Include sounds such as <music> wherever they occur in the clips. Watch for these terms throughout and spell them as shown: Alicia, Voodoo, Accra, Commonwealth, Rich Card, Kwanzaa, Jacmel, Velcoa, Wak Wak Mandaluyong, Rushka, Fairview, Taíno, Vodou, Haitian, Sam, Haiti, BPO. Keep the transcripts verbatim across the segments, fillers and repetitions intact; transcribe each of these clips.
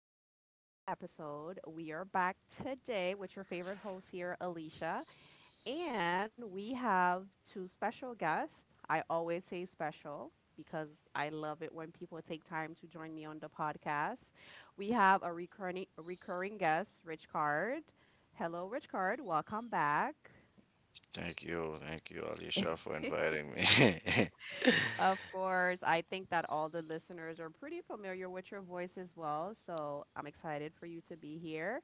back to another episode. We are back today with your favorite host here, Alicia, and we have two special guests. I always say special because I love it when people take time to join me on the podcast. We have a recurring recurring guest, Rich Card. Hello, Rich Card. Welcome back. Thank you, thank you, Alicia, for <laughs> inviting me. <laughs> Of course, I think that all the listeners are pretty familiar with your voice as well. So I'm excited for you to be here.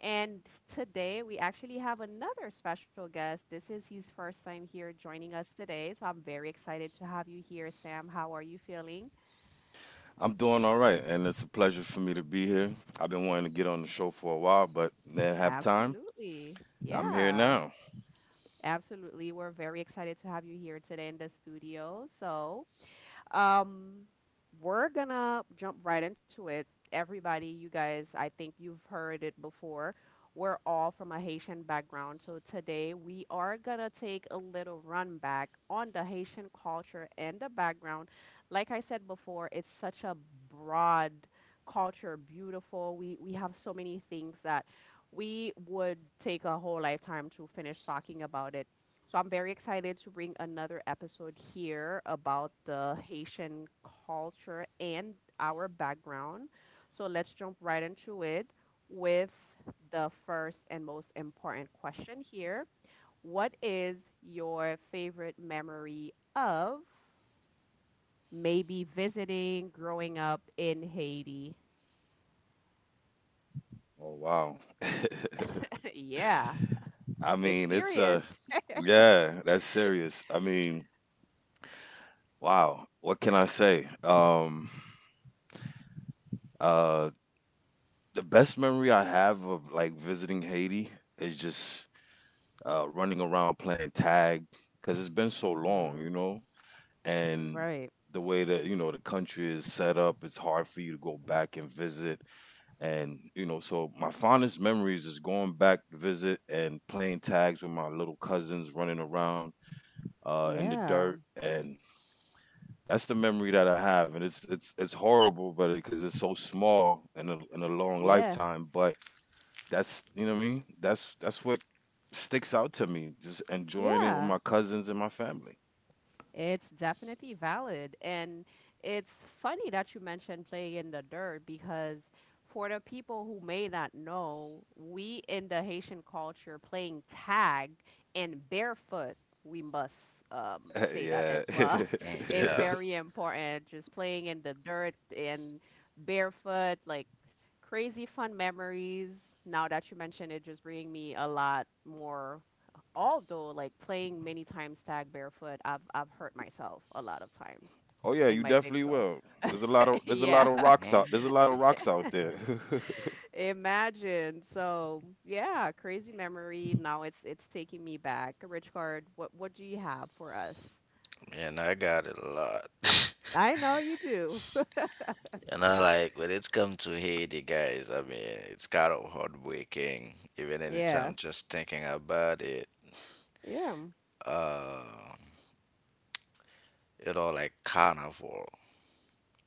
And today we actually have another special guest. This is his first time here joining us today. So I'm very excited to have you here, Sam. How are you feeling? I'm doing all right, and it's a pleasure for me to be here. I've been wanting to get on the show for a while, but didn't have time. Absolutely. I'm here Yeah, now. absolutely. We're very excited to have you here today in the studio. So Um, we're gonna jump right into it. Everybody, you guys, I think you've heard it before. We're all from a Haitian background, so today we are gonna take a little run back on the Haitian culture and the background. Like I said before, it's such a broad culture, beautiful. We we have so many things that we would take a whole lifetime to finish talking about it. So I'm very excited to bring another episode here about the Haitian culture and our background. So let's jump right into it with the first and most important question here. What is your favorite memory of maybe visiting growing up in Haiti? Oh wow. <laughs> <laughs> Yeah, I it's mean, it's serious. uh yeah, that's serious. I mean, wow. What can I say? Um uh the best memory I have of like visiting Haiti is just uh running around playing tag cuz it's been Mm so long, Mhm. you know? And Right. the way that, you know, the country is set up, it's hard for you to go back and visit. And you know, so my fondest memories is going back to visit and playing tags with my little cousins, running around uh, in the Yeah. dirt, and that's the memory that I have. And it's it's it's horrible, but because it's so small in a in a long Yeah. lifetime, but that's you know what I mean. That's that's what sticks out to me. Just enjoying it with my Yeah. cousins and my family. It's definitely valid. And it's funny that you mentioned playing in the dirt because for the people who may not know, we in the Haitian culture playing tag and barefoot, we must um, <laughs> say that Yeah. as well, <laughs> <laughs> Mm, is yeah, very important. Just playing in the dirt and barefoot, like crazy fun memories. Now that you mentioned it, just bringing me a lot more although like playing many times tag barefoot, I've I've hurt myself a lot of times Oh yeah, in you my big definitely toe. will. There's a lot of <laughs> there's a Yeah. lot of <laughs> rocks out. There's a mm, lot of rocks out there. <laughs> Imagine. So yeah, crazy memory. Now it's it's taking me back. Rich card, what what do you have for us? and I got it a lot. <laughs> I know you do. <laughs> You know, like when it's come to Haiti, guys, I mean, it's kind of heartbreaking. Even Yeah. anytime just thinking about it, Yeah. uh, you know, like carnival.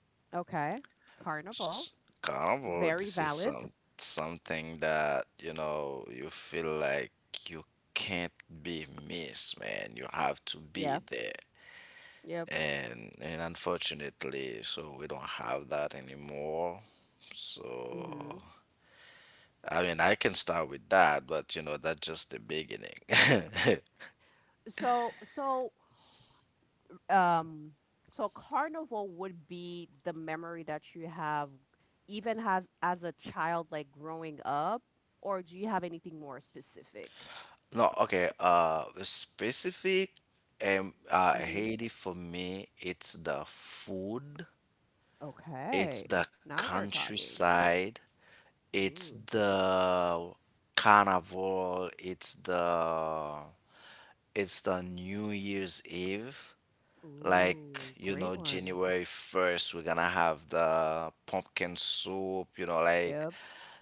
Okay. Carnival. S- Very Carnival, this valid. is some something that, you know, you feel like you can't be missed, man. You have to Yeah. be there. Yep. And and unfortunately, so we don't have that anymore. So Mhm. I mean, I can start with that, but you know, that's just the beginning. So so um so carnival would be the memory that you have even as as a child like growing up or do you have anything more specific. <laughs> no okay uh The specific, um uh Mm-hmm. Haiti for me, it's the food, it's Okay. the Now you're talking. countryside, it's Ooh. the carnival, it's the, it's the new year's eve. Like Ooh, you great know, one. January first we're gonna have the pumpkin soup, you know, like. Yep.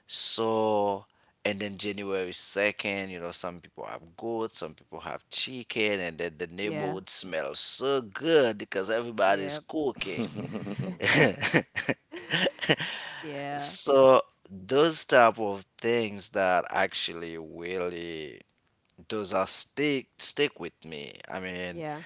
So and then January second, you know, some people have goat, some people have chicken, and then the Yeah. neighborhood smells so good because everybody's Yep. cooking. <laughs> <laughs> <laughs> Yeah, So those type of things that actually really, those are stick stick with me. I mean, yeah,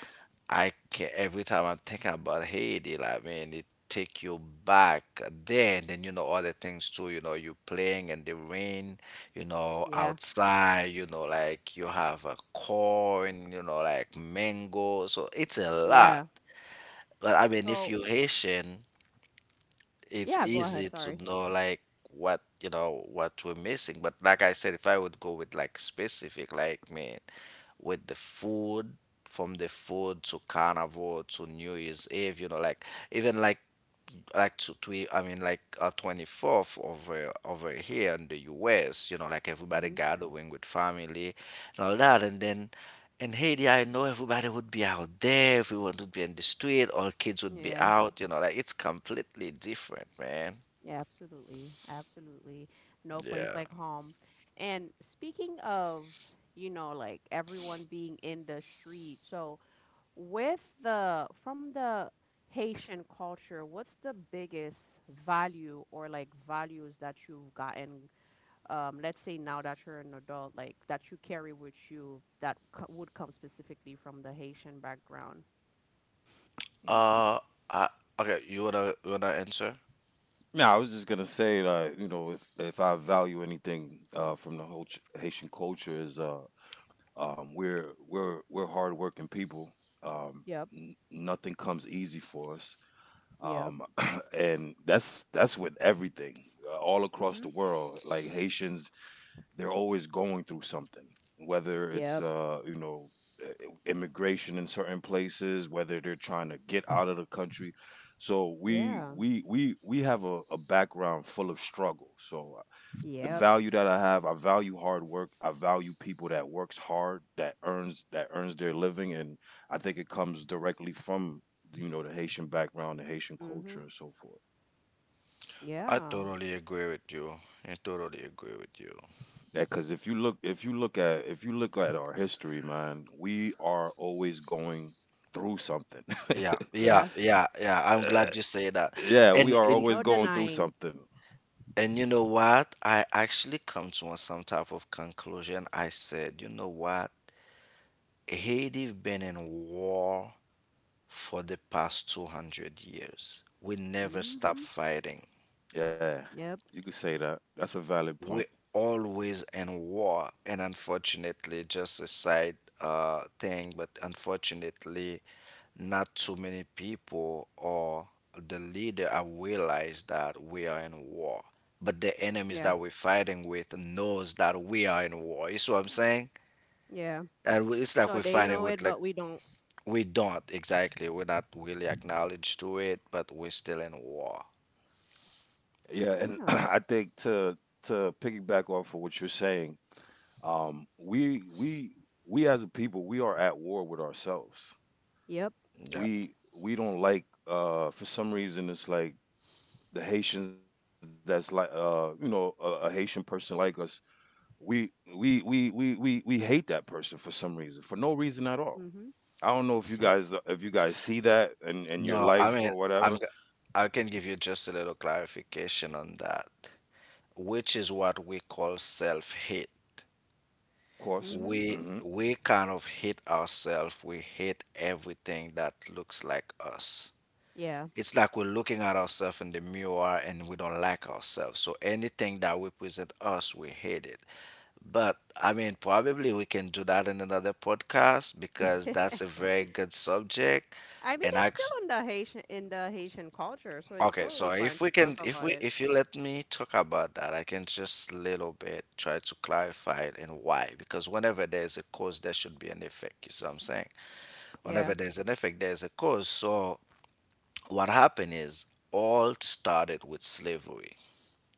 I can every time I'm thinking about Haiti, like man, it take you back there. And then you know, other things too. You know, you playing in the rain, you know, yeah, outside. You know, like you have a corn, you know, like mango. So it's a lot. yeah. But I mean, if So you Haitian, yeah, it's go ahead, easy sorry. to know like what, you know, what we're missing. But like I said, if I would go with like specific, like man, with the food, from the food to carnival to new year's eve, you know, like, even like like to twe, I mean like uh, twenty-fourth over over here in the US, you know, like everybody Hmm gathering with family and all that. And then in Haiti, I know everybody would be out there, everyone would be in the street, all kids would be yeah. out, you know, like it's completely different, man. Yeah, absolutely. Absolutely. No place yeah like home. And speaking of, you know, like everyone being in the street, so with the, from the Haitian culture, what's the biggest value or like values that you've gotten, um, let's say now that you're an adult, like that you carry with you that co- would come specifically from the Haitian background? uh I, okay, you wanna, you wanna answer. No, I was just gonna say that you know if if I value anything uh, from the whole ch- Haitian culture is uh um we're we're we're hardworking people. Um, Yep, n- Nothing comes easy for us. yep. Um, <clears throat> and that's that's with everything uh, all across the Mm-hmm. world. Like Haitians they're always going through something, whether it's Yep. uh, you know, immigration in certain places, whether they're trying to get out of the country. So we Yeah, we we we have a, a background full of struggle. So uh, the yep. value that I have, I value hard work. I value people that works hard, that earns that earns their living, and I think it comes directly from you know the Haitian background, the Haitian Mm-hmm. culture, and so forth. I Yeah. totally agree with you. I totally agree with you. Because if you look if you look at if you look at our history, man, we are always going through something. Yeah, <laughs> Yeah. yeah, yeah, yeah. I'm Uh, glad you say that. yeah, we And are and No always going through denying. something. and you know what? I actually come to a- some type of conclusion. I said, you know what? Haiti been in war for the past two hundred years. We never stop Mhm. fighting. Yeah, Yep. you could say that that's a valid point. We're always in war. And unfortunately, just a side uh thing, but unfortunately, not too many people or the leader have realized that we are in war. But the enemies Yeah. that we're fighting with knows that we are in war. You see what I'm saying? Yeah. And we- it's like So we're they know fighting it, with like, but we don't. we don't, exactly. We're not really acknowledged to it, but we're still in war. Yeah, and <clears throat> Yeah. I think to to piggyback off of what you're saying, um, we we we as a people, we are at war with ourselves. Yep. Yeah. We we don't like uh, for some reason, it's like the Haitians that's like uh, you know, a, a Haitian person like us. We we we we we we hate that person for some reason, for no reason at all. Mhm. I don't know if you Mhm. Yep. guys, if you guys see that in, in your No, I life mean, or I'm, whatever. Of g- I can give you just a little clarification on that, which is what we call self-hate. course. Mhm. we Hmm. we kind of hate ourselves, we hate everything that looks like us. Yeah. It's like we're looking at ourselves in the mirror and we don't like ourselves, so anything that represent us, we hate it. But I mean, probably we can do that in another podcast, because that's a <laughs> very good subject. I mean, And it's I still in the Haitian in the Haitian culture, so it's Okay, so totally fine if we to talk can, if about we it. if you let me talk about that, I can just little bit try to clarify it and why. Because whenever there's a cause, there should be an effect. You see what I'm saying? Yeah. Whenever there's an effect, there's a cause. So what happened is, all started with slavery.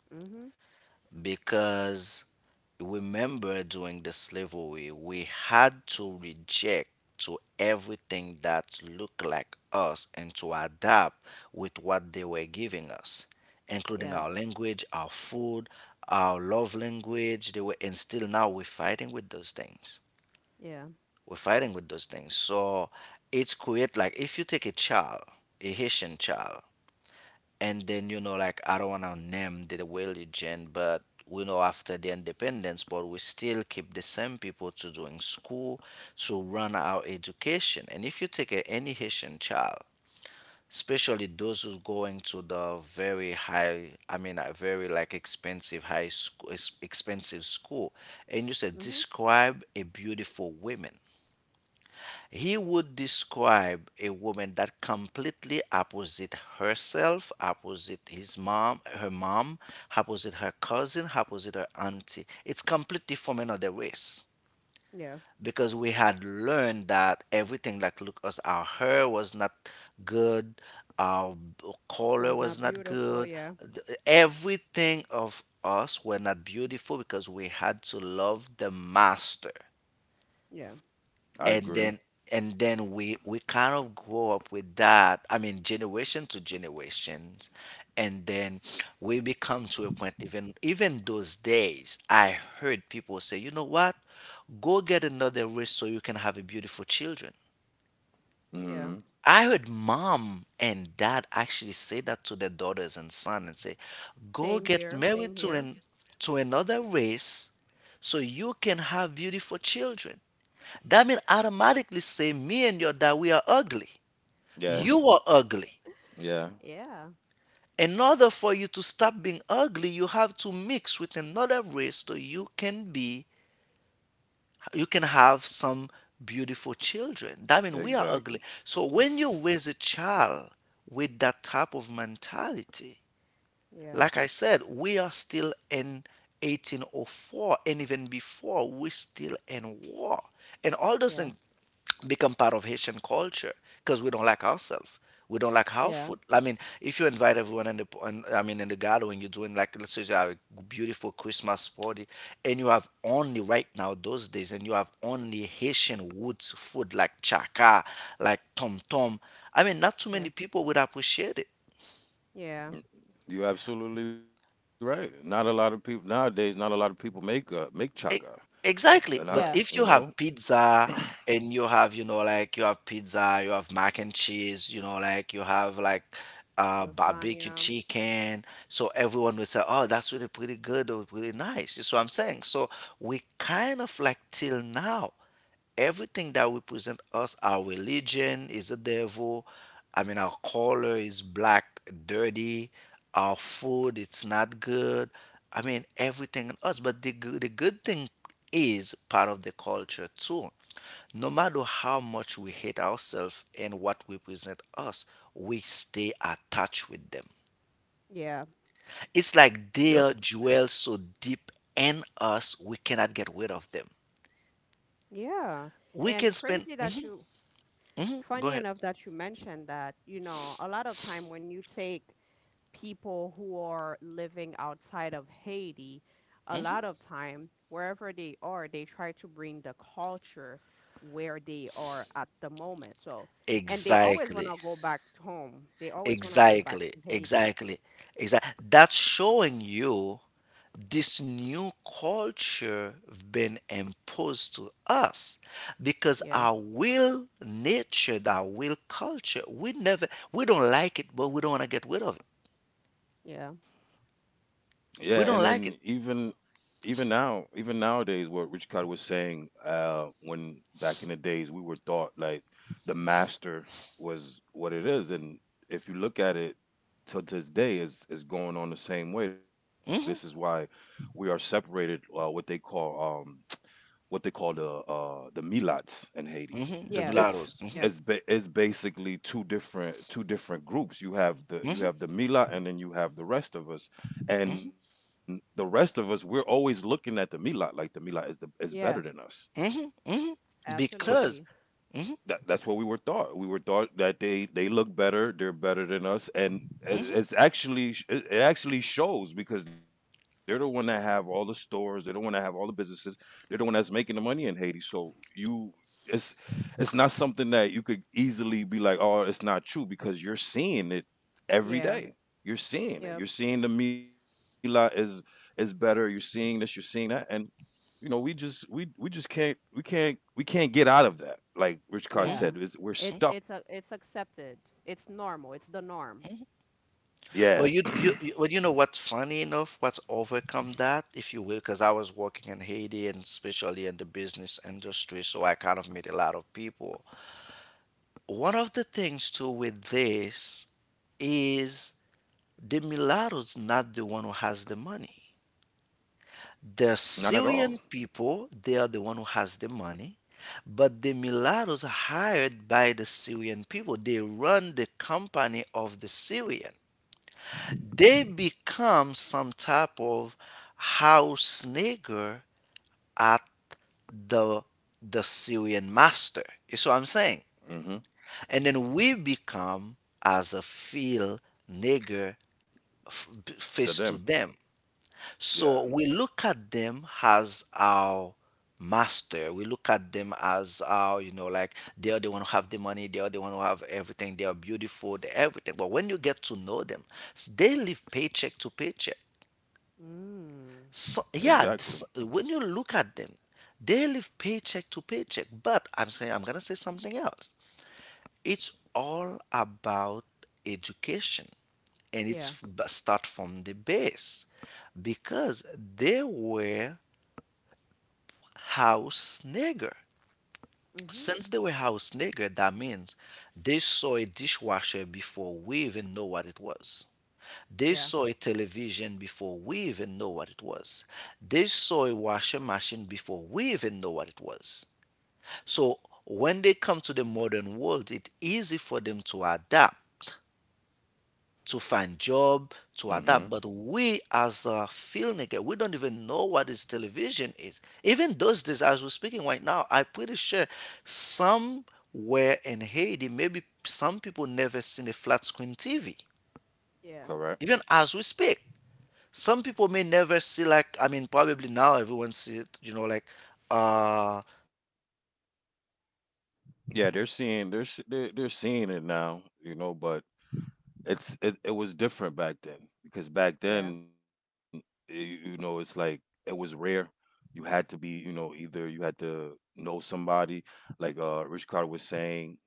Mhm. Because remember, during the slavery we had to reject to everything that looked like us and to adapt with what they were giving us, including Yeah. our language, our food, our love language. They were and still now we're fighting with those things. Yeah. We're fighting with those things. So it's create, like if you take a child, a Haitian child, and then you know, like I don't wanna name the religion, but we know after the independence, but we still keep the same people to doing school, to run our education. And if you take a, any Haitian child, especially those who's going to the very high, I mean, a very like expensive high school, expensive school, and you said Mhm. describe a beautiful woman, he would describe a woman that completely opposite herself, opposite his mom, her mom, opposite her cousin, opposite her auntie. It's completely from another race. Yeah. Because we had learned that everything like look us, our hair was not good, our color Was not was not beautiful. good, Yeah. th- everything of us were not beautiful, because we had to love the master. Yeah. And I then, agree. and then we we kind of grow up with that. I mean, generation to generations. And then we become to a point, even, even those days, I heard people say, you know what, go get another wrist so you can have a beautiful children. Yeah. I Hmm. heard mom and dad actually say that to their daughters and son and say, "Go Same get here. Same married to here. an, to another race so you can have beautiful children." That means automatically say me and your dad we are ugly. Yeah. You <laughs> are Yeah, ugly. yeah, Yeah. In order for you to stop being ugly, you have to mix with another race so you can be, you can have some beautiful children. That means we are ugly. So exactly. when you raise a child with that type of mentality, Yeah. like I said, we are still in eighteen oh four and even before, we're still in war. And all those Yeah. things become part of Haitian culture, because we don't like ourselves. We don't like our Yeah. food. I mean, if you invite everyone in the, in, I mean, in the gathering, you're doing, like let's say you have a beautiful Christmas party, and you have only right now those days, and you have only Haitian woods food like chaka, like tom tom. I mean, not too Yeah. many people would appreciate it. Yeah. You're absolutely right. Not a lot of people nowadays. Not a lot of people make uh E- make chaka. Exactly. But Yeah. Uh, if you not have a- You know. pizza and you <clears throat> have, you know, like you have pizza, you have mac and cheese, you know, like you have like uh, barbecue Lasagna. chicken. So everyone will say, oh, that's really pretty good or really nice. That's what I'm saying. So we kind of like till now, everything that represent us, our religion is the devil, I mean, our color is black, dirty, our food it's not good. I mean everything in us. But the, good- the good thing is part of the culture too. No matter how much we hate ourselves and what represent us, we stay attached with them. Yeah. It's like they Yep. are dwell so deep in us, we cannot get rid of them. Yeah. We And can spend. crazy that <laughs> you, Mhm, go funny ahead. enough that you mentioned that, you know, a lot of time when you take people who are living outside of Haiti, a lot of time, wherever they are, they try to bring the culture where they are at the moment. So, and they always Exactly. want to go back to home. They always want to go back Exactly, to Haiti. exactly, exactly. That's showing you this new culture been imposed to us. Because Yeah. our will nature, our will culture, we never, we don't like it, but we don't want to get rid of it. Yeah. We Yeah, and don't like then it. even even now, even nowadays, what Rich Card was saying, uh, when back in the days we were taught like the master was what it is, and if you look at it till this day, is is going on the same way. This is why we are separated. Uh, what they call um, what they call the uh, the milats in Haiti. Hmm. The Yeah. It's mulattoes. Yeah. it's ba- it's basically two different two different groups. You have the you Hmm, have the milat, and then you have the rest of us. hmm. Hmm, And the rest of us, we're always looking at the milat like the milat is the is Yeah. better than us. hmm, hmm. for Because. Absolutely. s- Hmm, that that's what we were taught. We were taught that they they look better, they're better than us, and it- hmm, it's actually it it actually shows because they're the one that have all the stores, they're the one that have all the businesses, they're the one that's making the money in Haiti. So you, it's it's not something that you could easily be like, oh, it's not true because you're seeing it every Yeah. day. You're seeing it. Yeah. You're seeing the Mila is is better. You're seeing this. You're seeing that, and you know, we just we we just can't we can't we can't get out of that. Like Rich Carter Yeah. hmm. said, is we're It's stuck. it's a it's accepted. It's normal. It's the norm. Yeah, But you, you, you, well, you know what's funny enough, what's overcome that, if you will. Because I was working in Haiti and especially in the business industry, so I kind of met a lot of people. One of the things too with this is, the mulatto's not the one who has the money. not at The all. Syrian people, they are the one who has the money, but the mulattoes are hired by the Syrian people. They run the company of the Syrian. They become some type of house nigger at the the Syrian master. You see what I'm saying? Hmm. And then we become as a field nigger f- b- To face to them, them. yeah, So we look at them as our master. We look at them as our, you know, like they are the one who have the money, they are the one who have everything, they are beautiful, they everything. But when you get to know them, s- they live paycheck to paycheck. Mm. So exactly. yeah, this, when you look at them, they live paycheck to paycheck. But I'm saying, I'm going to say something else. It's all about education, and it's Yeah. f- b- start from the base, because they were house nigger. Mhm. Since they were house nigger, that means they saw a dishwasher before we even know what it was. They Yeah. saw a television before we even know what it was. They saw a washing machine before we even know what it was. So when they come to the modern world, it's easy for them to adapt, to find job, to Hmm. adapt. But we as a filmmaker, we don't even know what is television is. Even those days, as we're speaking right now, I'm pretty sure somewhere in Haiti, maybe some people never seen a flat screen T V. Yeah. Correct. Even as we speak, some people may never see. Like I mean, probably now everyone see it, you know, like uh Yeah, they're seeing they're se- they're, they're seeing it now, you know. But It's it, it was different back then, because back Yeah. then, y- you know, it's like it was rare. You had to be, you know, either you had to know somebody, like uh, Rich Carter was saying.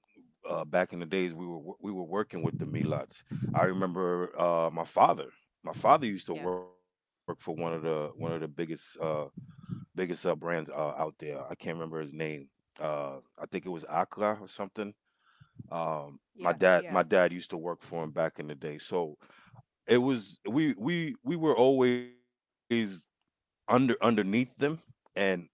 Uh, back in the days, we were wo- we were working with the Melots. I remember uh, my father. My father used to Yeah. work for one of the one of the biggest uh, biggest uh, brands uh, out there. I can't remember his name. Uh, I think it was Accra or something. Um, Yeah. my Yeah. dad my dad used to work for him back in the day. So it was we we we were always under underneath them, and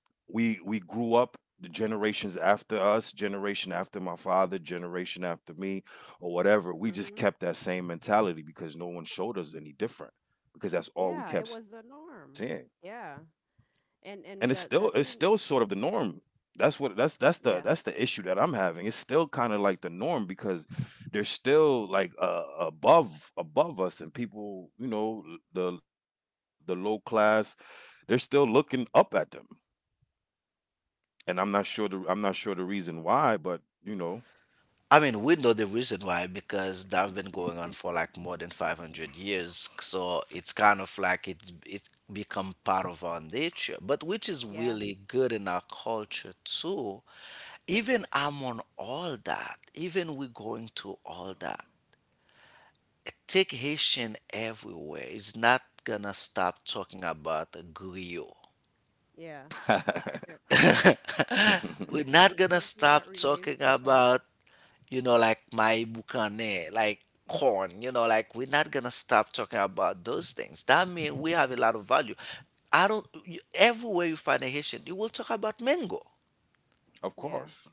we we grew up the generations after us, generation after my father, generation after me, or whatever. We just Mhm. kept that same mentality because no one showed us any different, because that's all we Yeah, kept it was the seeing, norm. Yeah. and it's And still it's and the still the sort thing, of the norm. That's what that's that's the yeah. that's the issue that I'm having. It's still kind of like the norm because they're still like uh, above above us, and people, you know, the the low class, they're still looking up at them. And I'm not sure the I'm not sure the reason why, but you know, I mean, we know the reason why, because that's been going on for like more than five hundred years. So it's kind of like it's it become part of our nature, but which is Yeah. really good in our culture too. Even among all that, even we going to all that, take Haitian everywhere. It's not gonna stop talking about griot. Yeah. <laughs> Yeah. <laughs> We're not <laughs> gonna Something stop that talking relates to talk. about, you know, like my bukane, like corn, you know, like we're not gonna stop talking about those things. That means we have a lot of value. I don't, you, everywhere you find a Haitian, you will talk about mango. of Yeah. course,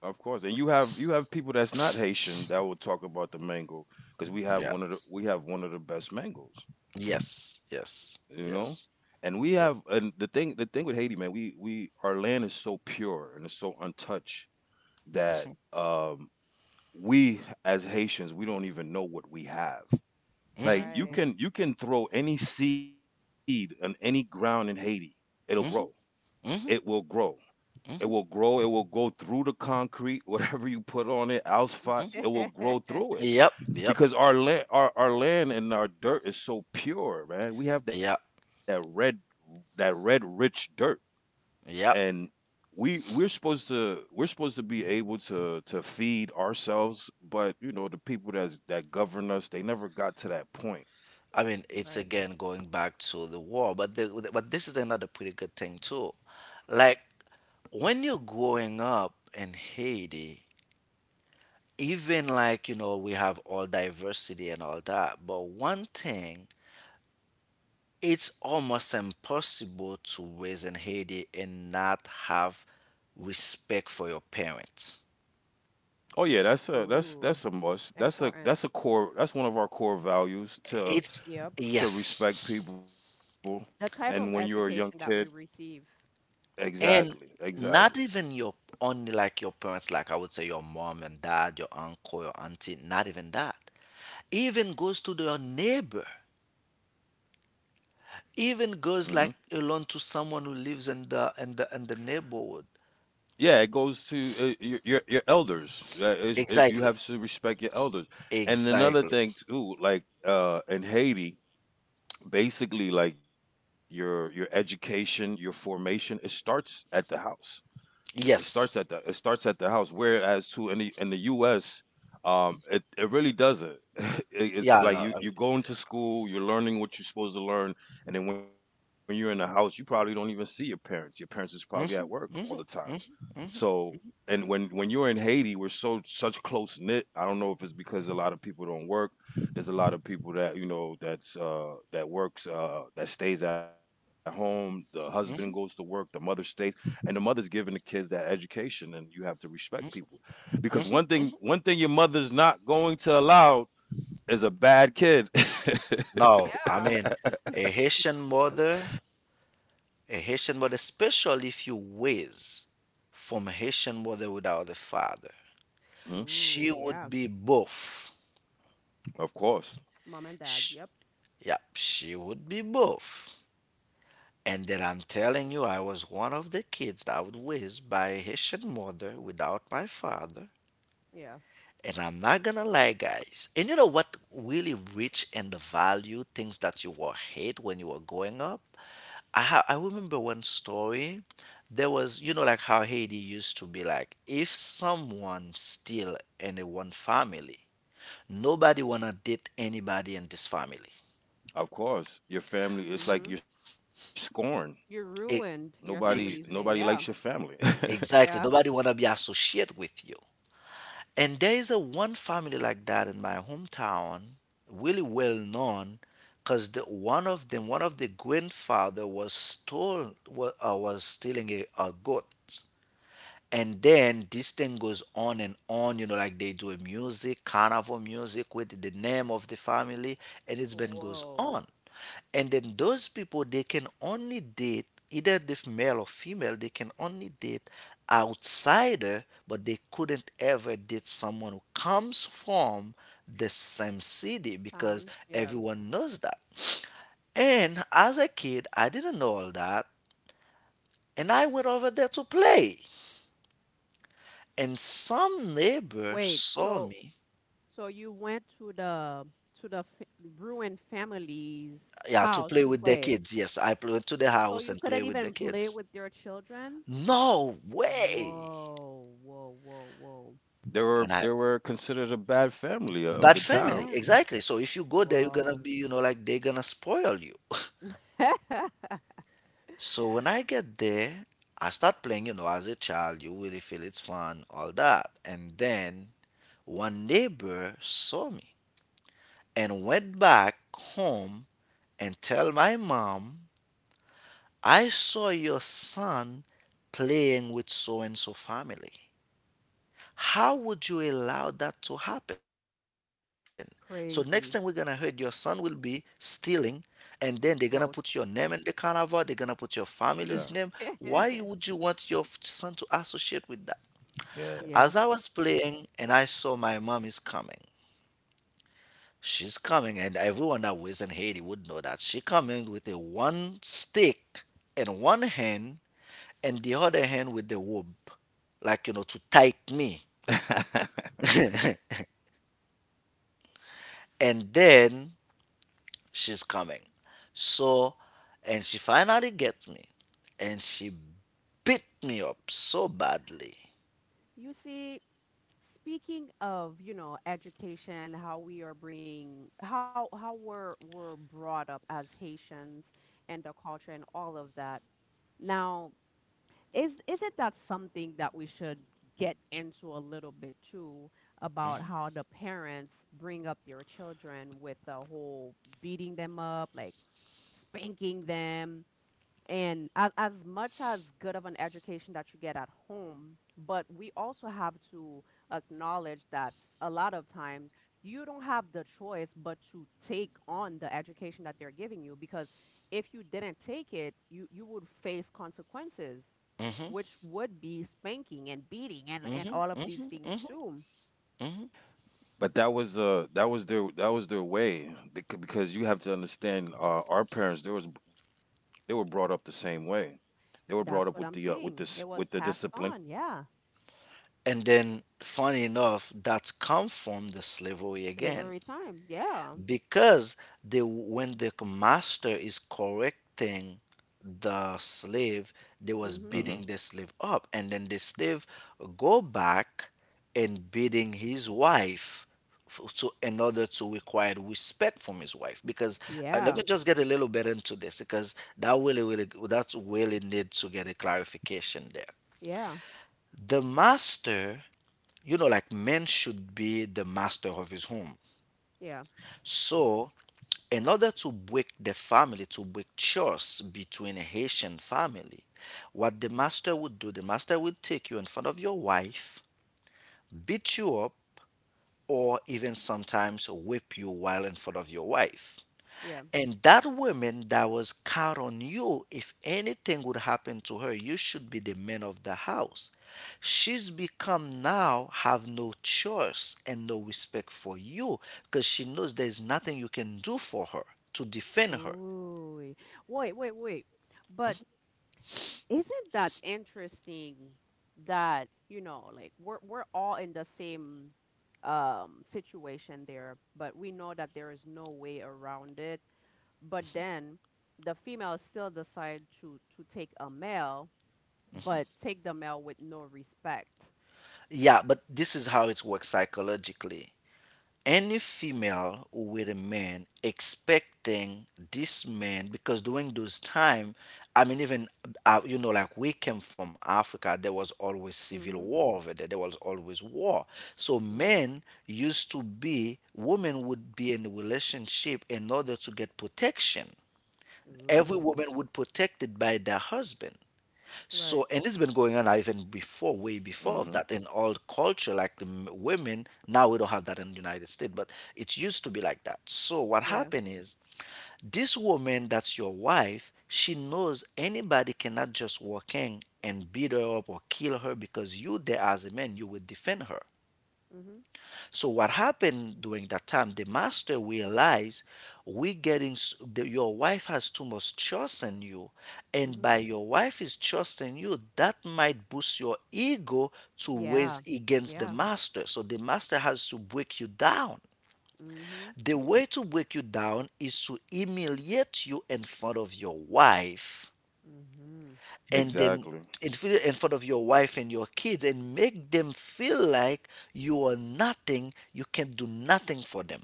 of course. And you have you have people that's not Haitian that will talk about the mango because we have Yeah. one of the we have one of the best mangoes. Yes, You know, yes, and we yes, have, and the yeah. thing the thing with Haiti, man, we we our land is so pure and it's so untouched that um we as Haitians, we don't even know what we have. Mm-hmm, Like you mm-hmm, Right. can, you can throw any seed on any ground in Haiti, it'll grow. mm-hmm, it mm-hmm, will grow it mm-hmm. will grow It will go through the concrete, <laughs> whatever you put on it, asphalt, Mm-hmm. it will grow through it, <laughs> Yep, yep, because our land, our, our land and our dirt is so pure, man. We have that yep, red, that red rich dirt, yep. and we we're supposed to, we're supposed to be able to to feed ourselves, but you know the people that that govern us, they never got to that point. I mean, it's Right. again going back to the war, but the, but this is another pretty good thing too. Like when you're growing up in Haiti, even like, you know, we have all diversity and all that, but one thing, it's almost impossible to raise in Haiti and not have respect for your parents. Oh yeah, that's a that's Ooh, that's a must, that's a important. that's a core, that's one of our core values to It's, Yep. to respect yes. people. And when The you're a type young of kid, education that we receive. exactly, And exactly. not even your, only like your parents, like I would say your mom and dad, your uncle, your auntie, not even that. Even goes to your neighbor. Even Hmm. goes like alone to someone who lives in the in the in the neighborhood. Yeah, it goes to uh, your, your your elders. Uh, is- uh, you Exactly. have to respect your elders. And another Exactly. thing too, like, uh, in Haiti, basically like your your education, your formation, it starts at the house. It starts at Yes. the it starts at the house. Whereas too in the in the U S, um, it it really doesn't. <laughs> It, it's Yeah. like No, you, I mean, you're going to school, you're learning what you're supposed to learn, and then when you're in the house, you probably don't even see your parents. Your parents is probably at work all the time, so, and when when you're in Haiti, we're so such close knit. I don't know if it's because a lot of people don't work. There's a lot of people that you know that's uh, that works uh, that stays at home. The husband goes to work, the mother stays, and the mother's giving the kids that education. And you have to respect people because one thing one thing your mother's not going to allow is a bad kid. <laughs> no, I Yeah. mean, a Haitian mother, a Haitian mother, especially if you raise from a Haitian mother without a father, Hmm? she Ooh, would yeah. be both. Of course. Mom and dad. Sh Yep. Yeah, she would be both. And then I'm telling you, I was one of the kids that was raised by a Haitian mother without my father. Yeah. And I'm not gonna lie, guys. And you know what really rich in the value things that you were hate when you were growing up? I ha- I remember one story. There was you know like how Haiti used to be like if someone still in a one family, nobody wanna date anybody in this family. Of course. Your family, it's like Mm-hmm. you're scorned. You E- ruined Nobody your Nobody ex- family's likes your name. Yeah. family. exactly. Yeah. Nobody wanna be associated with you. And there is a one family like that in my hometown, really well known, because the, one of them, one of the grandfather was stole, was, uh, was stealing a, a goat. And then this thing goes on and on, you know, like they do a music, carnival music with the name of the family, and it's been goes Whoa. on, and then those people they can only date either if male or female they can only date outsider, but they couldn't ever date someone who comes from the same city because Town. Yeah. everyone knows that. And as a kid, I didn't know all that, and I went over there to play, and some neighbor Wait. saw So me. so you went to the to the f ruined family's Yeah, to house play to with their play. kids. Yes, i pl- went to the So house you and couldn't play with the even play kids. with your children? No way. Whoa. Whoa. Whoa. Whoa. <laughs> They were And I they were considered a bad family of Bad the family, town. Yeah. exactly. So if you go there, you're gonna Wow. be, you know, like they're gonna spoil you. So when I get there, I start playing, you know, as a child, you really feel it's fun, all that. And then one neighbor saw me and went back home and tell my mom, I saw your son playing with so and so family. How would you allow that to happen? So next time we're gonna <laughs> hurt your son Crazy. will be stealing, and then they're gonna put your name Goat. in the <laughs> carnival, they're gonna put your Yeah. family's name. Why you- would you want your f- son to associate with that? Yeah. As I Yeah. was playing and I saw my mom is coming. She's coming, and everyone that was in Haiti would know that she coming with a one stick in one hand and the other hand with the rope, like you know, to tight me. <laughs> And then she's coming. So, and she finally gets me, and she beat me up so badly. You see, speaking of, you know, education, how we are being, how how we're we're brought up as Haitians and the culture and all of that. Now, is isn't that something that we should get into a little bit too about how the parents bring up their children with the whole beating them up, like spanking them, and as, as much as good of an education that you get at home but we also have to acknowledge that a lot of times you don't have the choice but to take on the education that they're giving you because if you didn't take it you you would face consequences hmm which would be spanking and beating and and hmm all of these things hmm too. hmm But that was uh that was their, that was their way. They could, because you have to understand, uh, our parents, There was they were brought up the same way. They were brought up with the That's uh, what with I'm this saying, with the it was passed discipline. on. Yeah, And then, funny enough, that come from the slavery to the again. very time. Yeah. Because the when the master is correcting the slave, they was Mhm. Mhm. beating the slave up, and then the slave go back and beating his wife f- to in order to require respect from his wife. Because uh, let Yeah. me just get a little bit into this, because that really really that's really need to get a clarification there. Yeah. The master, you know like men should be the master of his home. Yeah. So in order to break the family, to break chores between a Haitian family, what the master would do, the master would take you in front of your wife, beat you up, or even sometimes whip you while in front of your wife. Yeah. And that woman that was caught on you, if anything would happen to her, you should be the man of the house. She's become now have no choice and no respect for you, because she knows there's nothing you can do for her to defend her. Ooh. Wait, wait, wait. But isn't that interesting that, you know, like we're we're all in the same um situation there, but we know that there is no way around it. But then the female still decide to to take a male, but take the male with no respect. Yeah, but this is how it works psychologically. Any female with a man expecting this man because during those time, I mean, even uh, you know, like we came from Africa, there was always civil Mm-hmm. war over there. There was always war. So Mm-hmm. men used to be, women would be in a relationship in order to get protection. Every Ooh. woman would protected by their husband. Right. So, and it's been going on even before, way before of Mhm. that in old culture, like the m- women. Now we don't have that in the United States, but it used to be like that. So, what Yeah. happened is this woman that's your wife, she knows anybody cannot just walk in and beat her up or kill her, because you, there as a man, you would defend her. Mm-hmm. So what happened during that time? The master realized we getting s- the, your wife has too much trust in you, and Mm-hmm. by your wife is trusting you, that might boost your ego to Yeah. raise against the Yeah. master. So the master has to break you down. Mm-hmm. The way to break you down is to humiliate you in front of your wife, Mm-hmm. and Exactly. then in, fr- in front of your wife and your kids, and make them feel like you are nothing, you can do nothing for them.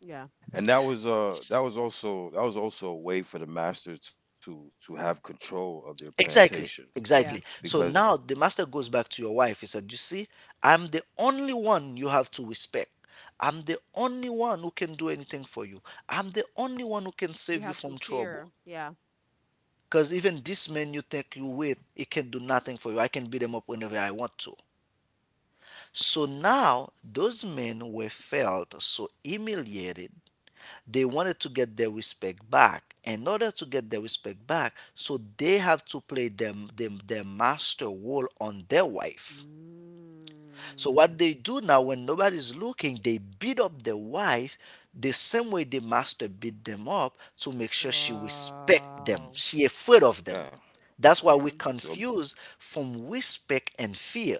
Yeah. And that was uh that was also that was also a way for the masters to to have control of their plantations Exactly, Yeah. exactly. because, So now the master goes back to your wife. He said, "You see, I'm the only one you have to respect. I'm the only one who can do anything for you. I'm the only one who can You save you have to from fear. trouble. Yeah. Because even this man you think you with, he can do nothing for you. I can beat him up whenever I want to." So now those men were felt so humiliated, they wanted to get their respect back. In order to get their respect back, so they have to play them them their master role on their wife. So Mm. what they do now when nobody's looking, they beat up their wife the same way the master beat them up to make sure she respect them. Wow. She yeah. afraid of them. That's why So we Yeah. confuse from respect and fear.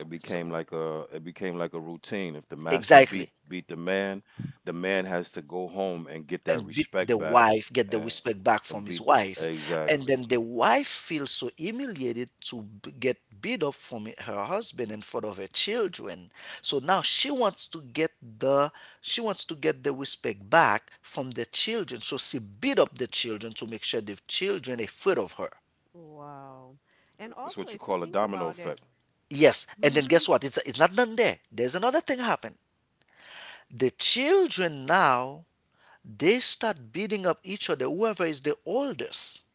it S- became like a, it became like a routine. If the master beat Exactly. beat the man, the man has to go home and get that And beat the respect back, wife, get the and beat, respect back from his wife. exactly. And then the wife feels so humiliated to b- get beat up from her husband in front of her children. So now she wants to get the she wants to get the respect back from the children. So she beat up the children to make sure the children afraid of her. Wow. And It's what you also, call if a you think domino about effect. it, Yes, and then mm-hmm. guess what? It's it's not done there. There's another thing happen. The children now they start beating up each other, whoever is the oldest.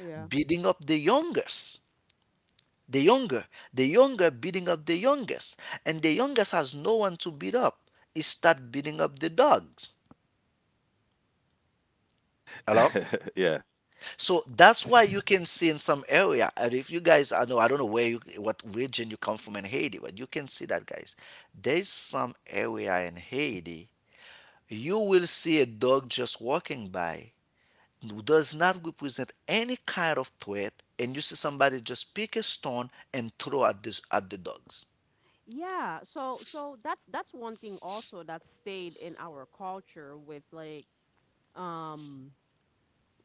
Yeah. Beating up the youngest. The younger, the younger beating up the youngest, and the youngest has no one to beat up. He start beating up the dogs. Hello. <laughs> Yeah. So that's why you can see in some area, and if you guys, I know I don't know where you, what region you come from in Haiti, but you can see that guys. There's some area in Haiti you will see a dog just walking by who does not represent any kind of threat, and you see somebody just pick a stone and throw at this at the dogs. Yeah, so so that's that's one thing also that stayed in our culture with like um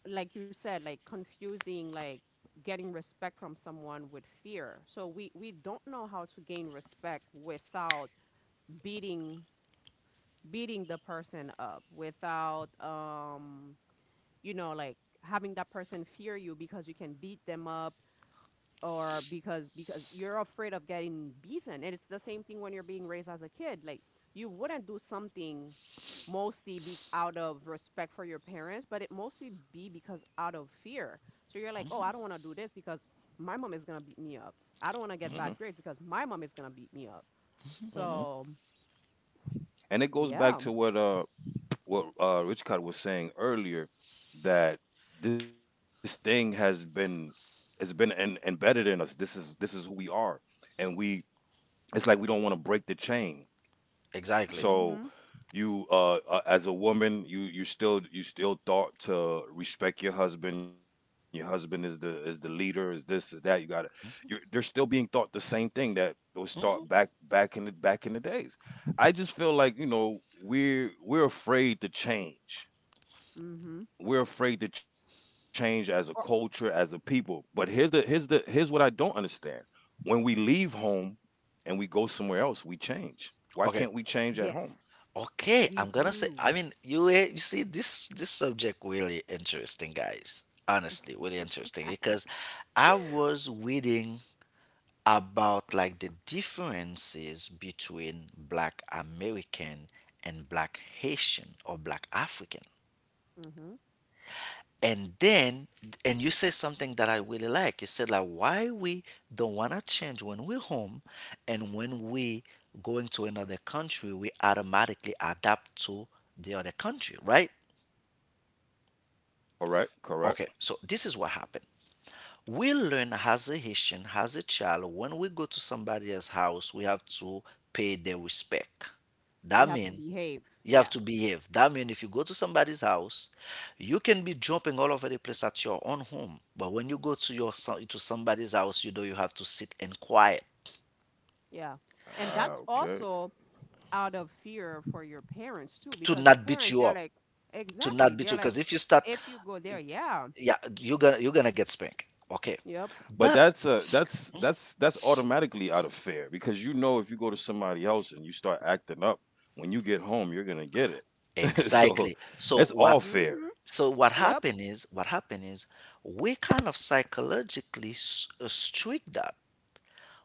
like you said like confusing like getting respect from someone with fear. So we we don't know how to gain respect without beating beating the person up without um you know like having that person fear you because you can beat them up or because because you're afraid of getting beaten and it's the same thing when you're being raised as a kid like you wouldn't do something mostly be out of respect for your parents but it mostly be because out of fear so you're like oh I don't want to do this because my mom is going to beat me up. I Mm don't want to hmm. get bad grades because my mom is going to beat me up. Mm hmm. So And it goes back yeah. to what uh what uh Rich Cod was saying earlier, that this thing has been, it's been en- embedded in us. This is this is who we are, and we it's like we don't want to break the chain. Exactly. mm So mhm. you uh, uh as a woman you you still you still taught to respect your husband. Your husband is the is the leader, is this is that you gotta, you're they're still being taught the same thing that was taught hmm back back in the back in the days. I just feel like you know we're we're afraid to change. mm mhm. We're afraid to change as a culture, as a people. But here's the here's the here's what I don't understand. When we leave home and we go somewhere else, we change. Why Okay. can't we change at home? Yes, Okay. we I'm gonna say. I do. mean, you eh, you see this this subject really interesting, guys. Honestly, really interesting. Because I was reading about like the differences between Black American and Black Haitian or Black African. Hmm And then, and you say something that I really like. You said like why we don't want to change when we're home, and when we going to another country we automatically adapt to the other country, right? Correct, correct. Okay, so this is what happened. We learn as a Haitian, as a child, when we go to somebody else's house, we have to pay their respect. We That have to means behave. you Yeah, have to behave. That means if you go to somebody's house, you can be jumping all over the place at your own home. But when you go to your so- to somebody's house, you know you have to sit and quiet yeah. And Ah, that's okay. also out of fear for your parents too, to because your not beat parents, you they're up, like, to not exactly. beat They're you. like, Because if you start, if you go there, yeah, yeah, you're gonna you're gonna get spanked. Okay, But yep, that's uh but that's that's that's automatically out of fear, because you know if you go to somebody else and you start acting up, when you get home you're gonna get it. <laughs> So exactly. So it's what all mm-hmm, fair. so what yep, happened is what happened is we kind of psychologically s- uh, strict that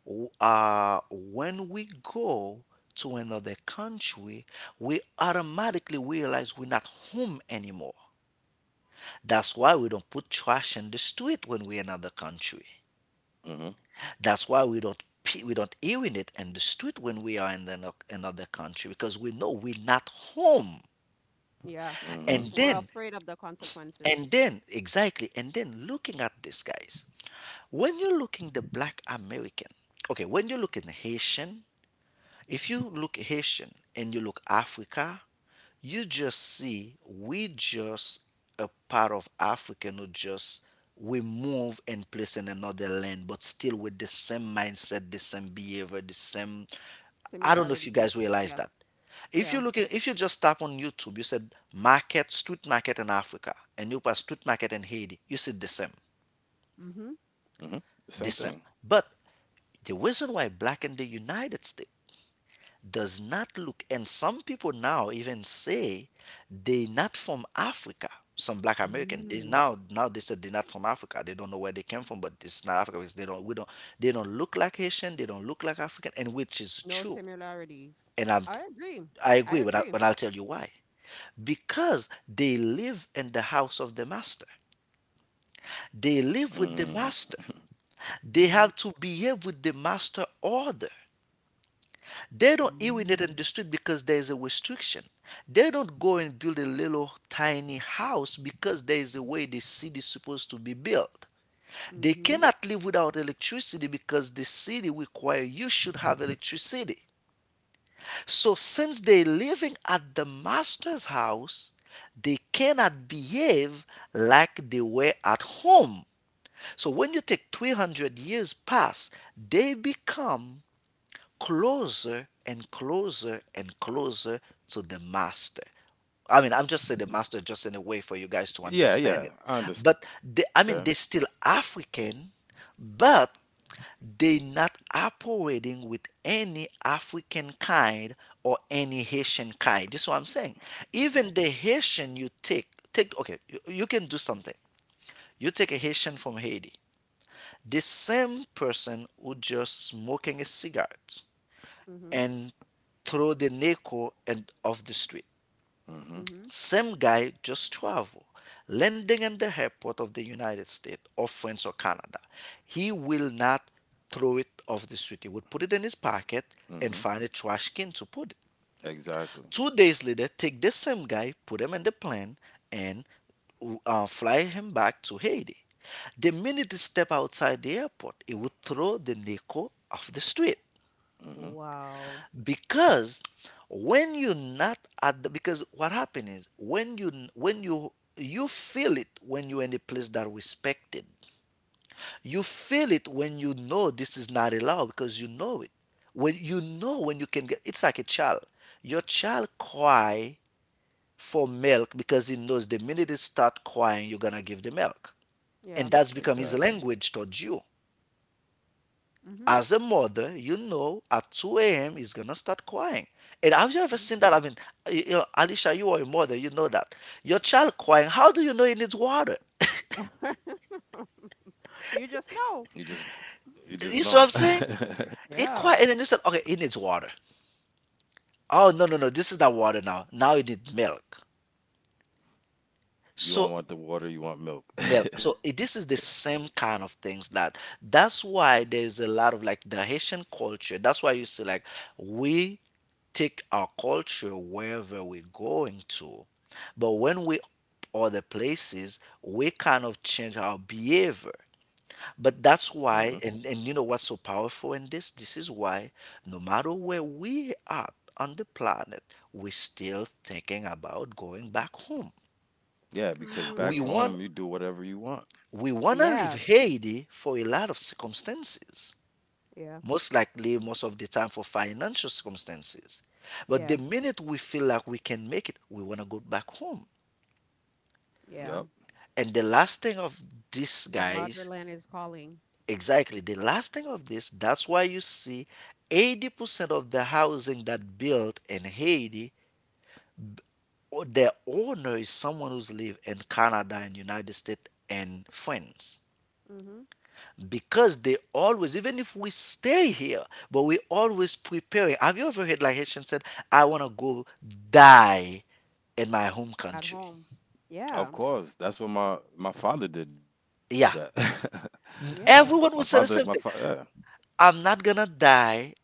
W- uh, when we go to another country, we automatically realize we're not home anymore. That's why we don't put trash in the street when we're in another country. Mm-hmm. That's why we don't pe- we don't urinate in the street when we are in the, no- another country, because we know we're not home. yeah. Mm-hmm. And We're then, afraid of the consequences. and then exactly, and then looking at this, guys. When you're looking the black American, okay, when you're looking Haitian, if you look Haitian and you look Africa, you just see we just a part of Africa who just we move and place in another land, but still with the same mindset, the same behavior, the same. I don't know if you Similarities. guys realize Yeah, that. If yeah. you look at, if you just tap on YouTube, you said market, street market in Africa, and you pass street market in Haiti, you see the same, Mm-hmm. Mm-hmm. Same thing. the same. But the reason why black in the United States does not look, and some people now even say they not from Africa. Some black American, they Mm. now now they said they're not from Africa. They don't know where they came from, but it's not Africa because they don't we don't they don't look like Haitian, they don't look like African, and which is No true. similarities. And I, I'm I agree. I I agree, but I, agree. but I'll tell you why. Because they live in the house of the master. They Mm. live with the master. They have to behave with the master order. They don't even it Mm-hmm. understood because there is a restriction. They don't go and build a little tiny house because there is a way the city is supposed to be built. They Mm-hmm. cannot live without electricity because the city requires you should have electricity. So since they're living at the master's house, they cannot behave like they were at home. So when you take three hundred years pass, they become closer and closer and closer to the master. I mean, I'm just saying the master just in a way for you guys to Yeah, understand yeah. it. I But understand. they, I mean, they're still African, but they not operating with any African kind or any Haitian kind. This is what I'm saying. Even the Haitian you take, take okay, you, you can do something. You take a Haitian from Haiti. The same person who just smoking a cigarette Mm-hmm. and through the Neco and of the street. Mm-hmm. Mm-hmm. Same guy, just travel, landing in the airport of the United States or France or Canada. He will not throw it off the street. He would put it in his pocket and Mm-hmm. find a trash can to put it. Exactly. Two days later, take this same guy, put him in the plane, and uh, fly him back to Haiti. The minute he step outside the airport, he would throw the Neco off the street. Hmm. Wow. Because when you're not at the, because what happened is when you when you you feel it when you're in a place that respected, you feel it when you know this is not allowed because you know it, when you know when you can get it's like a child. Your child cry for milk because he knows the minute it start crying you're gonna give the milk, and Yeah. Exactly. that's become his language towards you Mhm. as a mother. You know at two a m he's gonna start crying. And have you ever Mhm. seen that? I mean, you know, Alicia, you are a mother, you know that. Your child crying, how do you know he needs water? <laughs> You You just just know. you just know. <laughs> You see what I'm saying? He Yeah. cry and then you said, okay, he needs water. Oh no, no, no, this is not water now. Now he needs milk. You don't So want the water, you want milk. milk. So <laughs> eh, this is the same kind of things that that's why there's a lot of like the Haitian culture. That's why you see like we take our culture wherever we're going to. But when we other places, we kind of change our behavior. But Hmm. that's why, and, and you know what's so powerful in this? This is why, no matter where we are on the planet, we're still thinking about going back home. Yeah, because back We Hmm. want home you do whatever you want. we want to leave Yeah. Haiti for a lot of circumstances, Yeah. most likely most of the time for financial circumstances. But the Yeah. minute we feel like we can make it, we want to go back home. Yep. Yeah. And the last thing of these The guys. motherland is calling. Exactly. The last thing of this, that's why you see eighty percent of the housing that built in Haiti, or the owner is someone who's lived in Canada and United States and France. Mhm. Because they always, even if we stay here, but we always preparing. Have you ever heard like Haitian said, I want to go die in my home At country? home. Yeah. Of course. That's what my my father did that. Yeah. <laughs> my N- Yeah. father my Everyone will say the same father thing. I'm not gonna die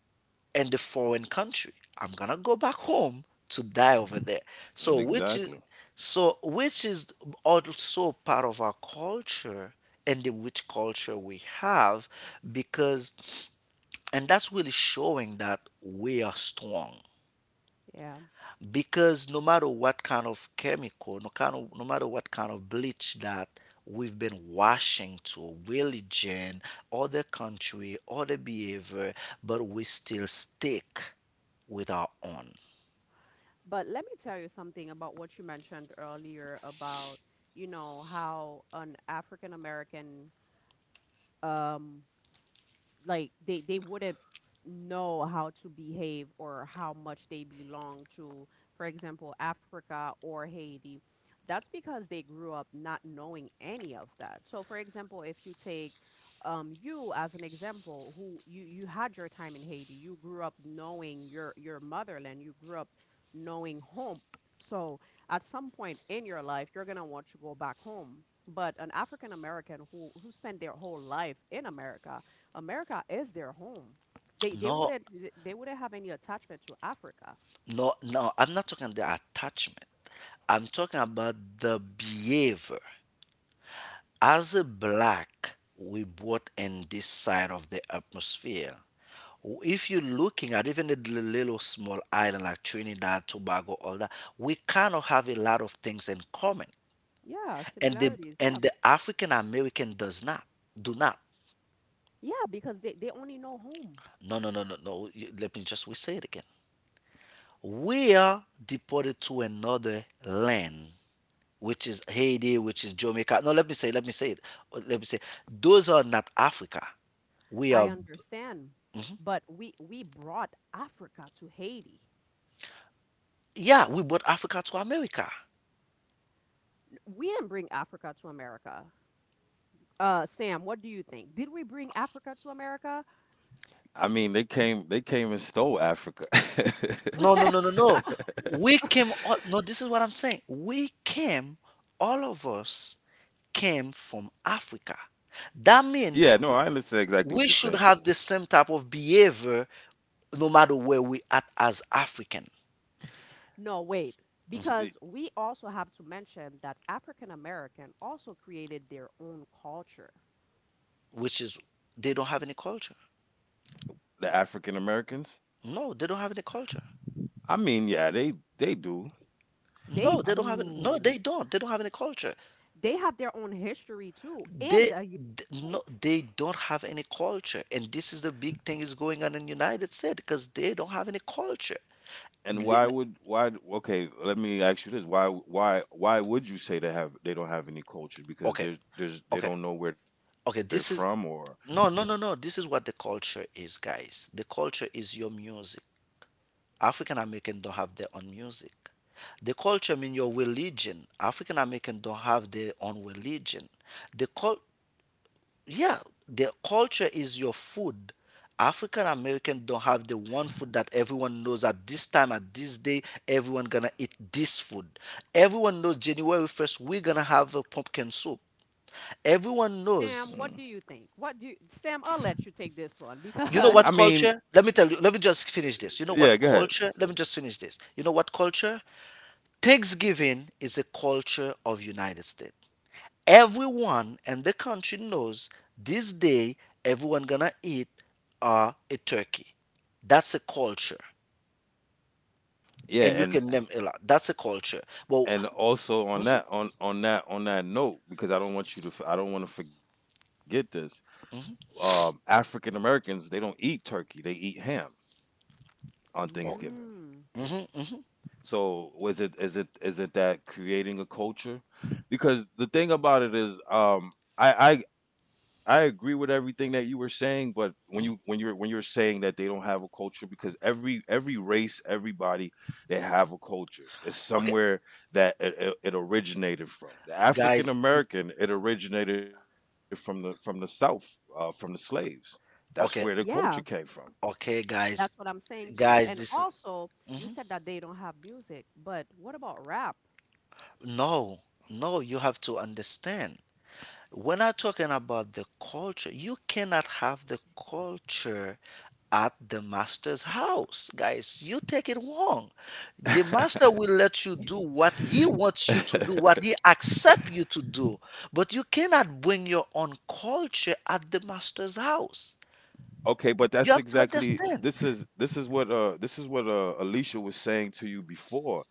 in the foreign country. I'm gonna go back home to die over there. Yeah, So which is exactly. so which is also part of our culture and the rich culture we have, because and that's really showing that we are strong Yeah. because no matter what kind of chemical, no kind of, no matter what kind of bleach that we've been washing to religion, other country, other behavior, but we still stick with our own. But let me tell you something about what you mentioned earlier about, you know, how an African American um like they they wouldn't know how to behave or how much they belong to for example Africa or Haiti. That's because they grew up not knowing any of that, so for example if you take um, you as an example who you you had your time in Haiti, you grew up knowing your your motherland, you grew up knowing home. So at some point in your life you're going to want to go back home, but an African American who who spent their whole life in America, America is their home. They they No, wouldn't th- they wouldn't have any attachment to Africa. no, no. I'm not talking the attachment. I'm talking about the behavior. As a black, we brought in this side of the atmosphere. If you're looking at even a li- little small island like Trinidad, Tobago, all that, we kind of have a lot of things in common. Yeah, And the, similarities. Yeah. and the African American does not, do not. Yeah, because they, they only know home. No, no, no, no, no. You- Let me just we say it again. We are deported to another land, which is Haiti, which is Jamaica. No, let me say, let me say it. Let me say, those are not Africa. We I are. understand. But we we brought Africa to Haiti. Yeah, we brought Africa to America. We didn't bring Africa to America. Uh, Sam, what do you think? Did we bring Africa to America? I mean, they came they came and stole Africa. No, no, no, <laughs> no, no. We came, all, no, this is what I'm saying. We came, all of us came from Africa. <laughs> Yeah, no, That I means understand exactly what you're saying. we should have the same type of behavior no matter where we at as African, No, wait. Because we also have to mention that African American also created their own culture. which is they don't have any culture. The African Americans? No, they don't have any culture. I mean, yeah, they they do. They No, they don't have any, no, do. they don't. They don't have any culture. They have their own history too in they the United th- no, States. they don't have any culture, and this is the big thing is going on in United States because they don't have any culture. And Li- why li- would why okay, let me ask you this. Why why why would you say they have they don't have any culture? Because okay, there's there's they okay don't know where they're from okay or… this is, no, no, no, no, this is what the culture is, guys. The culture is your music. African American don't have their own music. The culture mean your religion. African American don't have their own religion. the cult yeah their culture is your food. African American don't have the one food that everyone knows at this time at this day. Everyone gonna eat this food. Everyone knows January first we're gonna have a pumpkin soup. Mm. Everyone knows. Sam, what do you think? What do you, Sam? I'll let you take this one You I know because, what mean, culture, let me tell you let me just finish this you know yeah, what go ahead. culture let me just finish this you know what culture. Thanksgiving is a culture of United States. Everyone in the country knows this day everyone gonna eat uh, a turkey. That's a culture, Yeah, and you and can name a lot. That's a culture. Well, and also on that on on that on that note, because I don't want you to f- I don't want to forget this. Um African Americans, they don't eat turkey. They eat ham on <laughs> oh, Thanksgiving. mm, So was it is it is it that creating a culture? Because the thing about it is, um, I, I I agree with everything that you were saying, but when you when mm, you're when you're saying that they don't have a culture, because every every race, everybody, they have a culture. It's okay, somewhere that it, it, it originated from. The African guys. American, it originated from the from the South, uh, from the slaves. That's where the Okay, culture came yeah, from. okay, guys, that's what I'm saying too. guys. And This is also, you mhm. said that they don't have music, but what about rap? No, no. You have to understand. When I'm talking about the culture, you cannot have the culture at the master's house, guys. You take it wrong. The master will let you do what he wants you to do, what he accepts you to do, but you cannot bring your own culture at the master's house. Okay, but that's You have to exactly understand. this is this is what uh this is what uh Alicia was saying to you before.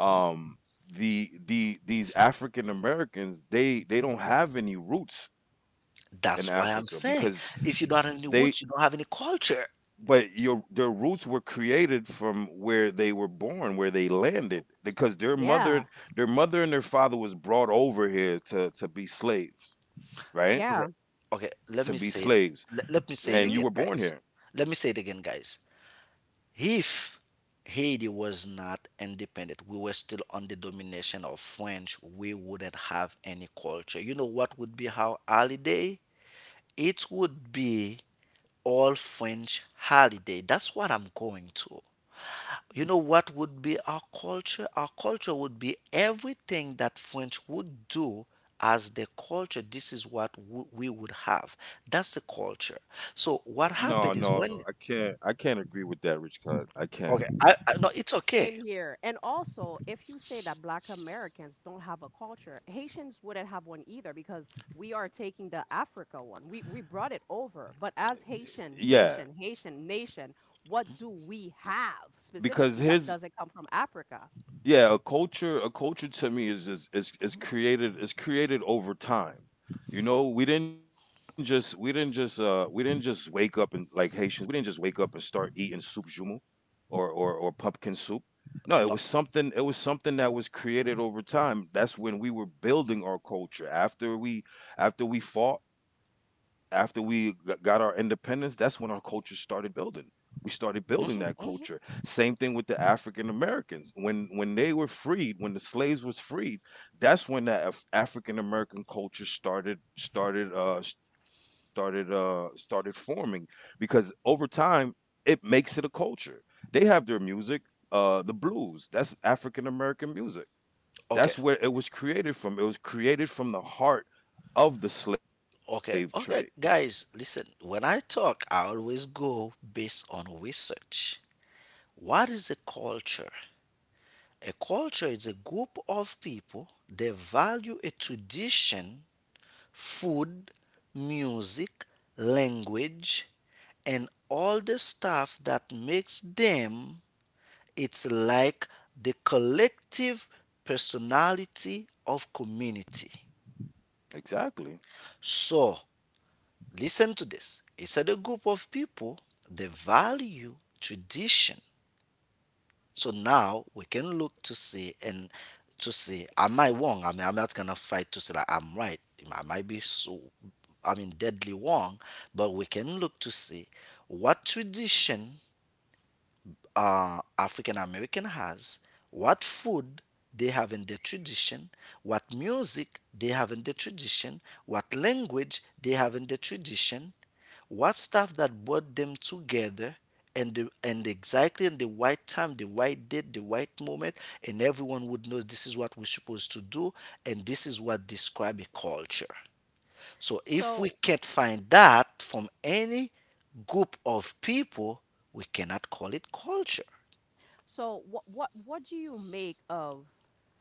Um the the these African Americans, they they don't have any roots in Africa That's because why I'm saying if you they… don't have any roots, you don't have any culture. But your their roots were created from where they were born, where they landed, because their mother, Yeah, their mother and their father was brought over here to to be slaves, right? Okay, yeah. To be okay, slaves. let me say it. And Let, you were let me say born it again, here. guys. Let me say it again, guys. If Haiti was not independent, we were still under domination of French. We wouldn't have any culture. You know what would be our holiday? It would be all French holiday. That's what I'm going to. You know what would be our culture? Our culture would be everything that French would do as the culture. This is what w- we would have. That's the culture. So what No, no, happened is no. I when can't. I can't agree with that, Rich Cut. I can't. okay, I, I no, it's okay. Same here. And also, if you say that Black Americans don't have a culture, Haitians wouldn't have one either because we are taking the Africa one. We we brought it over. But as Yeah, Haitian, Haitian, Haitian nation, what do we have because specifically that his, doesn't come from Africa? yeah, a culture, a culture to me is is is, is Mhm. created, is created over time. You know, we didn't just we didn't just uh we didn't just wake up and, like Haitians, we didn't just wake up and start eating soup jumu, or or or pumpkin soup. No, it No, was something it was something that was created over time. That's when we were building our culture. After we, after we fought, after we g- got our independence, that's when our culture started building. We started building that hmm, culture. hmm. Same thing with the African Americans. When when they were freed, when the slaves was freed, that's when that Af- African American culture started started uh started uh started forming, because over time it makes it a culture. They have their music, uh, the blues. That's African American music. Okay, That's where it was created from. It was created from the heart of the slave trade. okay, okay, guys, listen. When I talk, I always go based on research. What is a culture? A culture is a group of people that value a tradition, food, music, language, and all the stuff that makes them. It's like the collective personality of community. Exactly. So listen to this. It's a group of people they value tradition. So now we can look to see and to see, am I wrong? I mean, I'm not gonna fight to say that I'm right. I might be so, I mean, deadly wrong, but we can look to see what tradition uh, African American has, what food they have in their tradition, what music they have in their tradition, what language they have in their tradition, what stuff that brought them together, and the, and exactly in the right time, the right date, the right moment, and everyone would know this is what we're supposed to do, and this is what describe a culture. So if we So can't find that from any group of people, we cannot call it culture. so what what what do you make of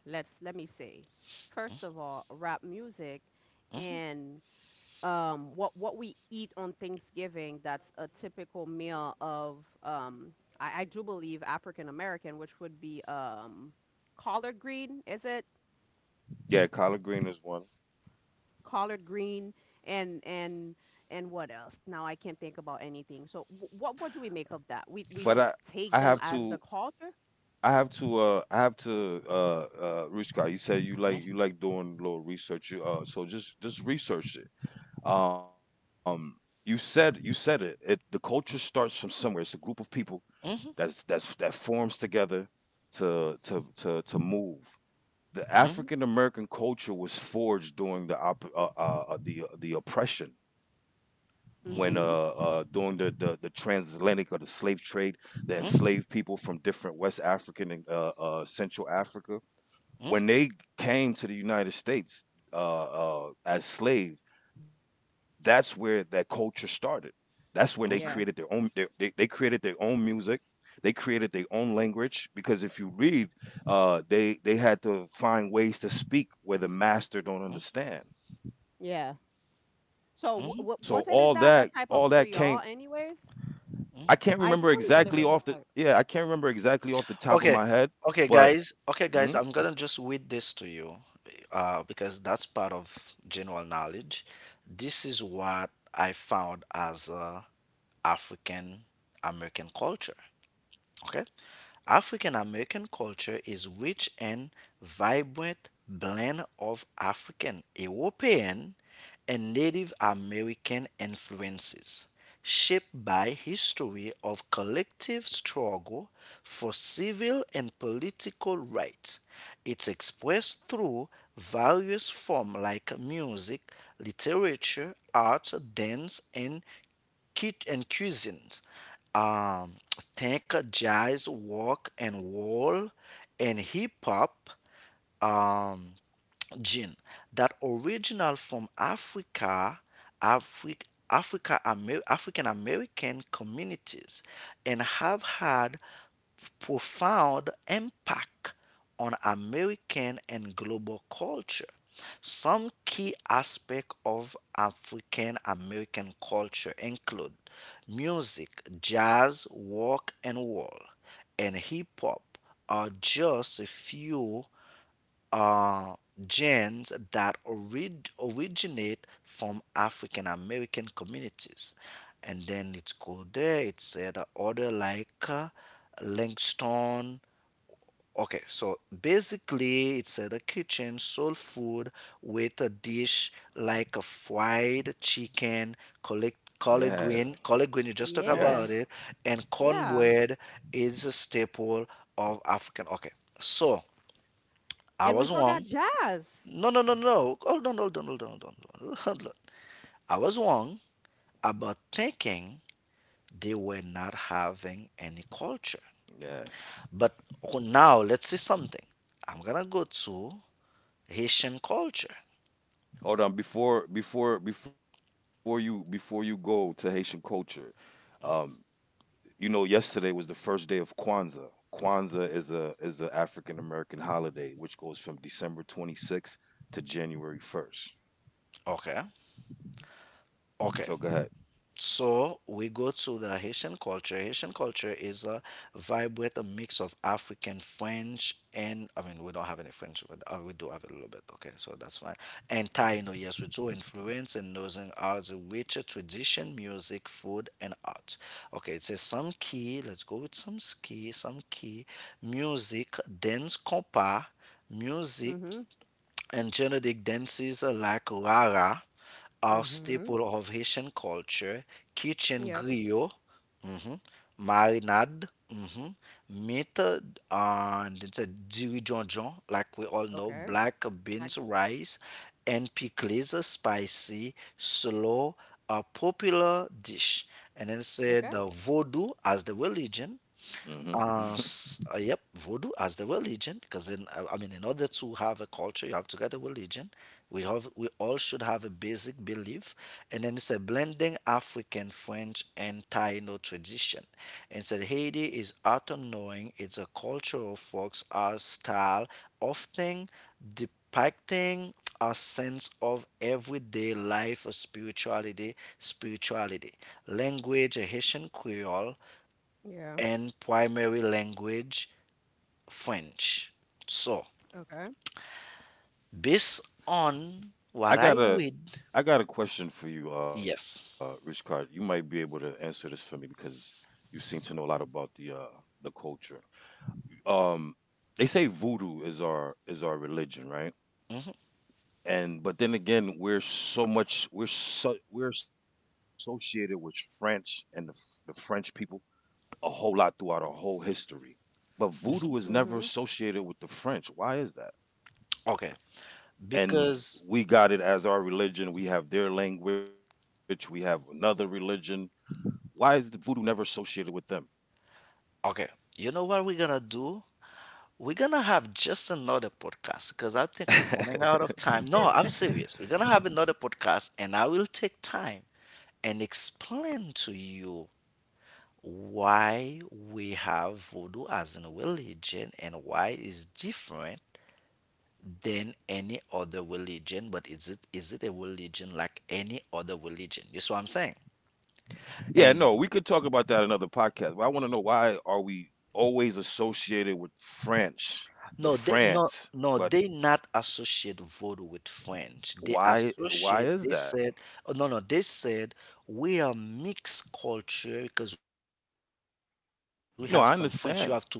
let's let me say, first of all, rap music and um, what what we eat on Thanksgiving, that's a typical meal of um, I, I do believe African American, which would be um, collard green, is it? Yeah, collard green is one. Collard green and and and what else? Now I can't think about anything. So wh- what what do we make of that? We But we I, don't I take have them as to, the culture. I have to, uh, I have to, uh, uh, Rushka, you said you like, you like doing a little research. You, uh, so just, just research it. Um, you said, you said it. It, the culture starts from somewhere. It's a group of people that's that's that forms together to to to to move. The African American culture was forged during the op- uh, uh, uh, the the oppression, when uh, uh Mm-hmm. during the, the the transatlantic or the slave trade, the enslaved people from different West African and, uh, uh, Central Africa, Okay, when they came to the United States uh, uh, as slaves. That's where that culture started. That's when they Yeah. created their own. They, they, they created their own music. They created their own language, because if you read, uh, they they had to find ways to speak where the master don't understand. Yeah. So w- w- So was it all not a that, type of all that Creole, came. anyways? I I do can't believe that it remember was a type. exactly off the, yeah. I can't remember exactly off the top of okay, my head, guys. Okay, but guys, I'm gonna just mhm, read this to you, uh, because that's part of general knowledge. This is what I found as a African American culture. Okay. African American culture is rich and vibrant blend of African, European, and Native American influences, shaped by history of collective struggle for civil and political rights. It's expressed through various forms like music, literature, art, dance, and kit and cuisines. Um, think jazz, rock, and roll, and hip hop, um, gene that original from Africa, Afri- Africa Amer- African American communities, and have had profound impact on American and global culture. Some key aspects of African American culture include music. Jazz, rock and roll, and hip hop are just a few uh, genes that orid- originate from African American communities. And then it's called there, it said uh, order like uh, Langston. Okay, so basically it's uh, the kitchen soul food with a dish like a fried chicken, collect yeah, collard green, collard green you just talk yes, Yeah. about it, and Yeah. cornbread is a staple of African. Okay, so I And we was forgot wrong. jazz. No, no, no, no. Hold on, hold on, hold on, hold on, hold on. <laughs> Hold on. I was wrong about thinking they were not having any culture. yeah. But oh, now let's see something. I'm gonna go to Haitian culture. Hold on, before before before you, before you go to Haitian culture. Um, you know, yesterday was the first day of Kwanzaa. Kwanzaa is a is an African American holiday which goes from December twenty-sixth to January first. Okay. So go ahead. Okay, so we go to the Haitian culture. Haitian culture is a vibrant a mix of African, French, and, I mean, we don't have any French, but uh, we do have a little bit. Okay, so that's fine. And Taino, yes, we do influence and losing are the richer tradition, music, food, and art. Okay, it says some key. Let's go with some key. Some key music, dance compas, music Mhm. and genetic dances like rara are Mhm. staple of Haitian culture. Kitchen Yep. griot, mhm, marinade, mhm, meat, uh, and it's a dirijonjon, like we all know, Okay. black Like, beans, rice, and pickles, a spicy, slow, a popular dish. And then say okay. the voodoo as the religion, Hmm. uh, s- uh, yep, voodoo as the religion, because in I I mean, in order to have a culture, you have to get a religion. We have we all should have a basic belief, and then it's a blending African, French, and Taino tradition. And said Haiti is art knowing. It's a cultural folks art style, often depicting a sense of everyday life or spirituality, spirituality, language, a Haitian Creole, Yeah. and primary language French. So, Okay. based on <laughs> I what I got a, read, I got a question for you, uh, Rich Card. You yes, might be able to answer this for me, because you seem to know a lot about the uh, the culture. Um, they say voodoo is our, is our religion, right? And but then again, we're so much, we're so, we're associated with French and the, F- the French people a whole lot throughout our whole history, but voodoo is never Mhm. associated with the French. Why is that? okay, And because, we got it as our religion, we have their language, we have another religion. Why is the voodoo never associated with them? okay, you know what we're gonna do? We're gonna have just another podcast because I think we're running out <laughs> of time. No, I'm serious. We're gonna have another podcast, and I will take time and explain to you why we have voodoo as a religion and why it's different than any other religion. But is it, is it a religion like any other religion? You see what I'm saying? Yeah, And no, we could talk about that in another podcast, but I want to know, why are we always associated with French, the no, they no, France? No but they not associate voodoo with French. They Why why associate, is they that? said, oh, no, no they said we are mixed culture because we have some French. You have to not forget No, I about understand. mulattoes.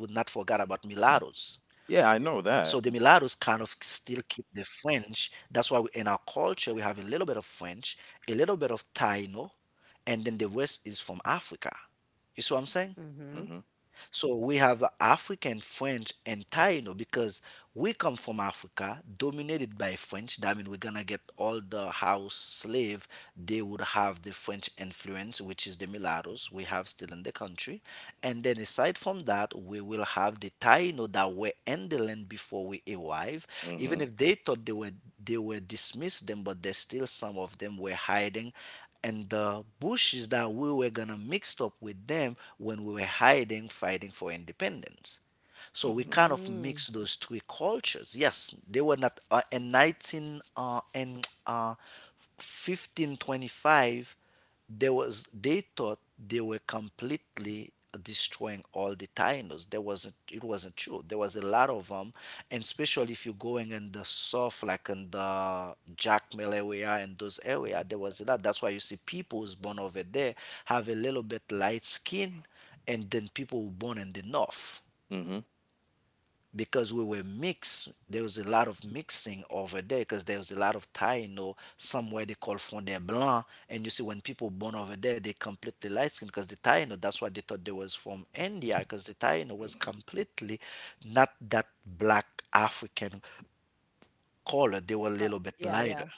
So the Yeah, I mulattoes know kind of that. still keep the French. That's why we, in our culture we have a little bit of French, a little bit of Taino, and then the rest is from Africa. You see what I'm saying? Mhm. Mhm. So we have the African, French, and Taino because we come from Africa, dominated by French. That means we're gonna get all the house slave. They would have the French influence, which is the mulattoes we have still in the country. And then aside from that, we will have the Taino that were in the land before we arrive. Even Mhm. if they thought they were they were dismissed them, but there's still some of them were hiding. And the bushes that we were gonna mixed up with them when we were hiding, fighting for independence. So we Mhm. kind of Mm. mix those two cultures. Yes, they were not uh, in 19 uh, in uh, fifteen twenty-five there was they thought they were completely destroying all the Taínos. There wasn't, it wasn't true. There was a lot of them, and especially if you're going in the south, like in the Jacmel area and those area, there was a lot. That's why you see people who's born over there have a little bit light skin, and then people who born in the north Mhm. because we were mixed. There was a lot of mixing over there because there was a lot of Taino somewhere they call fond de blanc. And you see when people born over there they completely light skin because the Taino, that's why they thought they was from India, because the Taino was Mhm. completely not that black African color. They were a Uh, little bit yeah, lighter, yeah.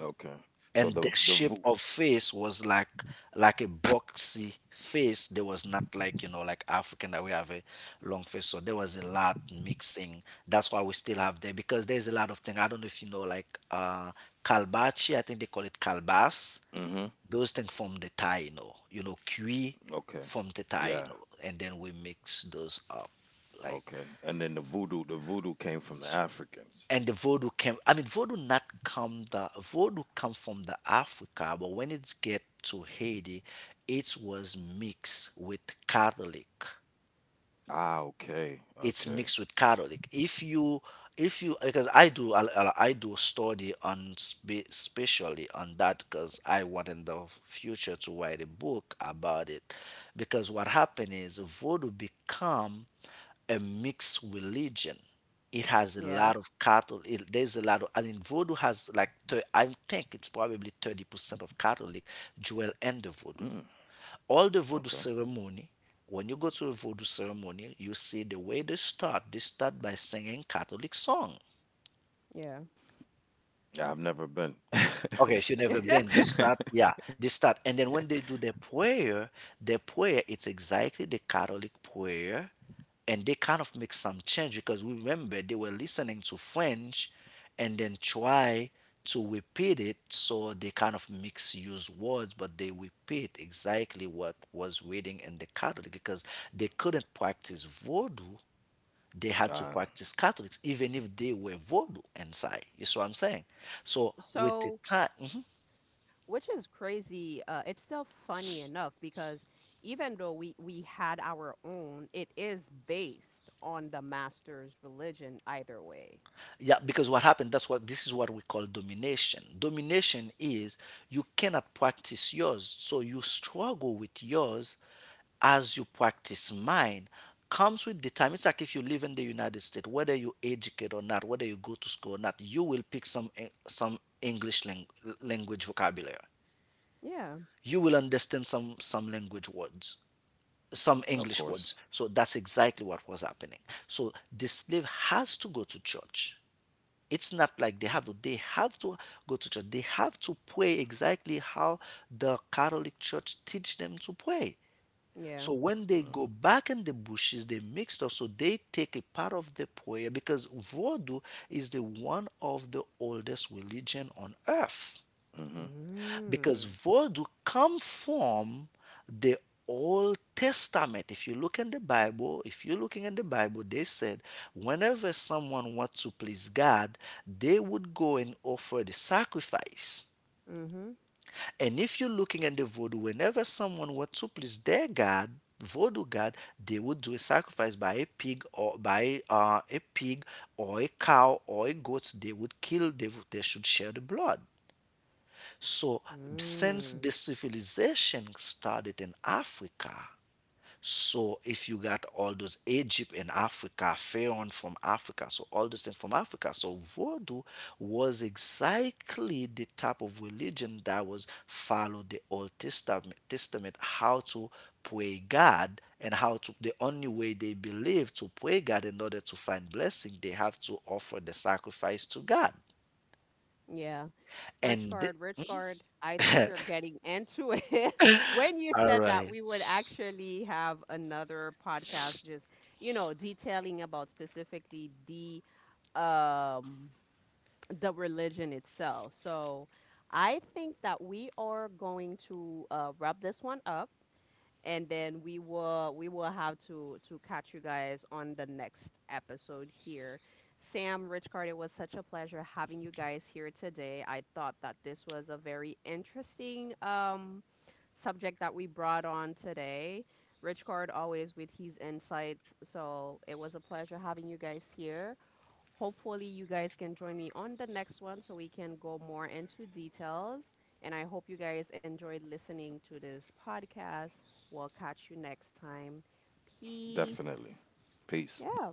Okay. So and the the the shape vo-… of face was like like a boxy face. There was not like, you know, like African that we have a long face. So there was a lot mixing. That's why we still have there, because there's a lot of things, I don't know if you know, like uh kalbachi, I think they call it kalbas. Mhm. Those things from the thai, you know, you know, Okay. kui from the Yeah. thai, you know, and then we mix those up like. Okay. And then the voodoo, the voodoo came from the Africans. And the voodoo came, I mean voodoo not come. The voodoo come from the Africa, but when it get to Haiti it was mixed with Catholic. Ah, okay. It's Okay. mixed with Catholic if you if you because i do i, I I do study on spe- especially on that because I want in the future to write a book about it. Because what happened is voodoo become a mixed religion. It has a Yeah. lot of Catholic. It, there's a lot of. I mean, Voodoo has like thir- I think it's probably thirty percent of Catholic Joel Mm, and the Voodoo. okay. All the Voodoo ceremony. When you go to a Voodoo ceremony, you see the way they start. They start by singing Catholic song. Yeah. Yeah, I've never been. Okay, if you've never <laughs> been, they <laughs> start, yeah, they start. And then when they do their prayer, their prayer, it's exactly the Catholic prayer, and they kind of make some change because we remember they were listening to French and then try to repeat it, so they kind of misuse words, but they repeat exactly what was reading in the Catholic because they couldn't practice Vodou. They had to Ah, practice Catholics even if they were Vodou inside. You see what I'm saying? So with the So, time, which is crazy, uh, it's still funny enough because even though we we had our own, it is based on the master's religion either way. yeah, because what happened, that's what, this is what we call domination. Domination is you cannot practice yours, so you struggle with yours as you practice mine. Comes with the time. It's like if you live in the United States, whether you educate or not, whether you go to school or not, you will pick some eh, some English lang- language vocabulary. Yeah. You will understand some some language words, some of course. English words. So that's exactly what was happening. So the slave has to go to church. It's not like they have to, they have to go to church. They have to pray exactly how the Catholic church teach them to pray. Yeah. So when Mm, they go back in the bushes they mixed up, so they take a part of the prayer because voodoo is the one of the oldest religion on earth, mhm. because Mm. voodoo come from the Old Testament. If you look in the Bible, if you're looking in the Bible, they said whenever someone wants to please God, they would go and offer the sacrifice. Mhm. And if you're looking at the voodoo, whenever someone wants to please their God, voodoo god, they would do a sacrifice by a pig or by uh, a pig or a cow or a goat. They would kill. They would, they should share the blood. So since Mm. the civilization started in Africa, so if you got all those Egypt in Africa, Pharaoh from Africa, so all this thing from Africa, so Vodou was exactly the type of religion that was followed the Old Testament, Testament how to pray God and how to the only way they believe to pray God in order to find blessing, they have to offer the sacrifice to God. Yeah. Rich And guard, rich guard. I think you're <laughs> getting into it. <laughs> When you all said that, right. we would actually have another podcast just, you know, detailing about specifically the um the religion itself. So I think that we are going to uh, wrap this one up and then we will we will have to to catch you guys on the next episode here. Sam, Richcard, it was such a pleasure having you guys here today. I thought that this was a very interesting um subject that we brought on today. Richcard always with his insights, so it was a pleasure having you guys here. Hopefully, you guys can join me on the next one so we can go more into details. And I hope you guys enjoyed listening to this podcast. We'll catch you next time. Definitely. Peace. Peace. Yeah.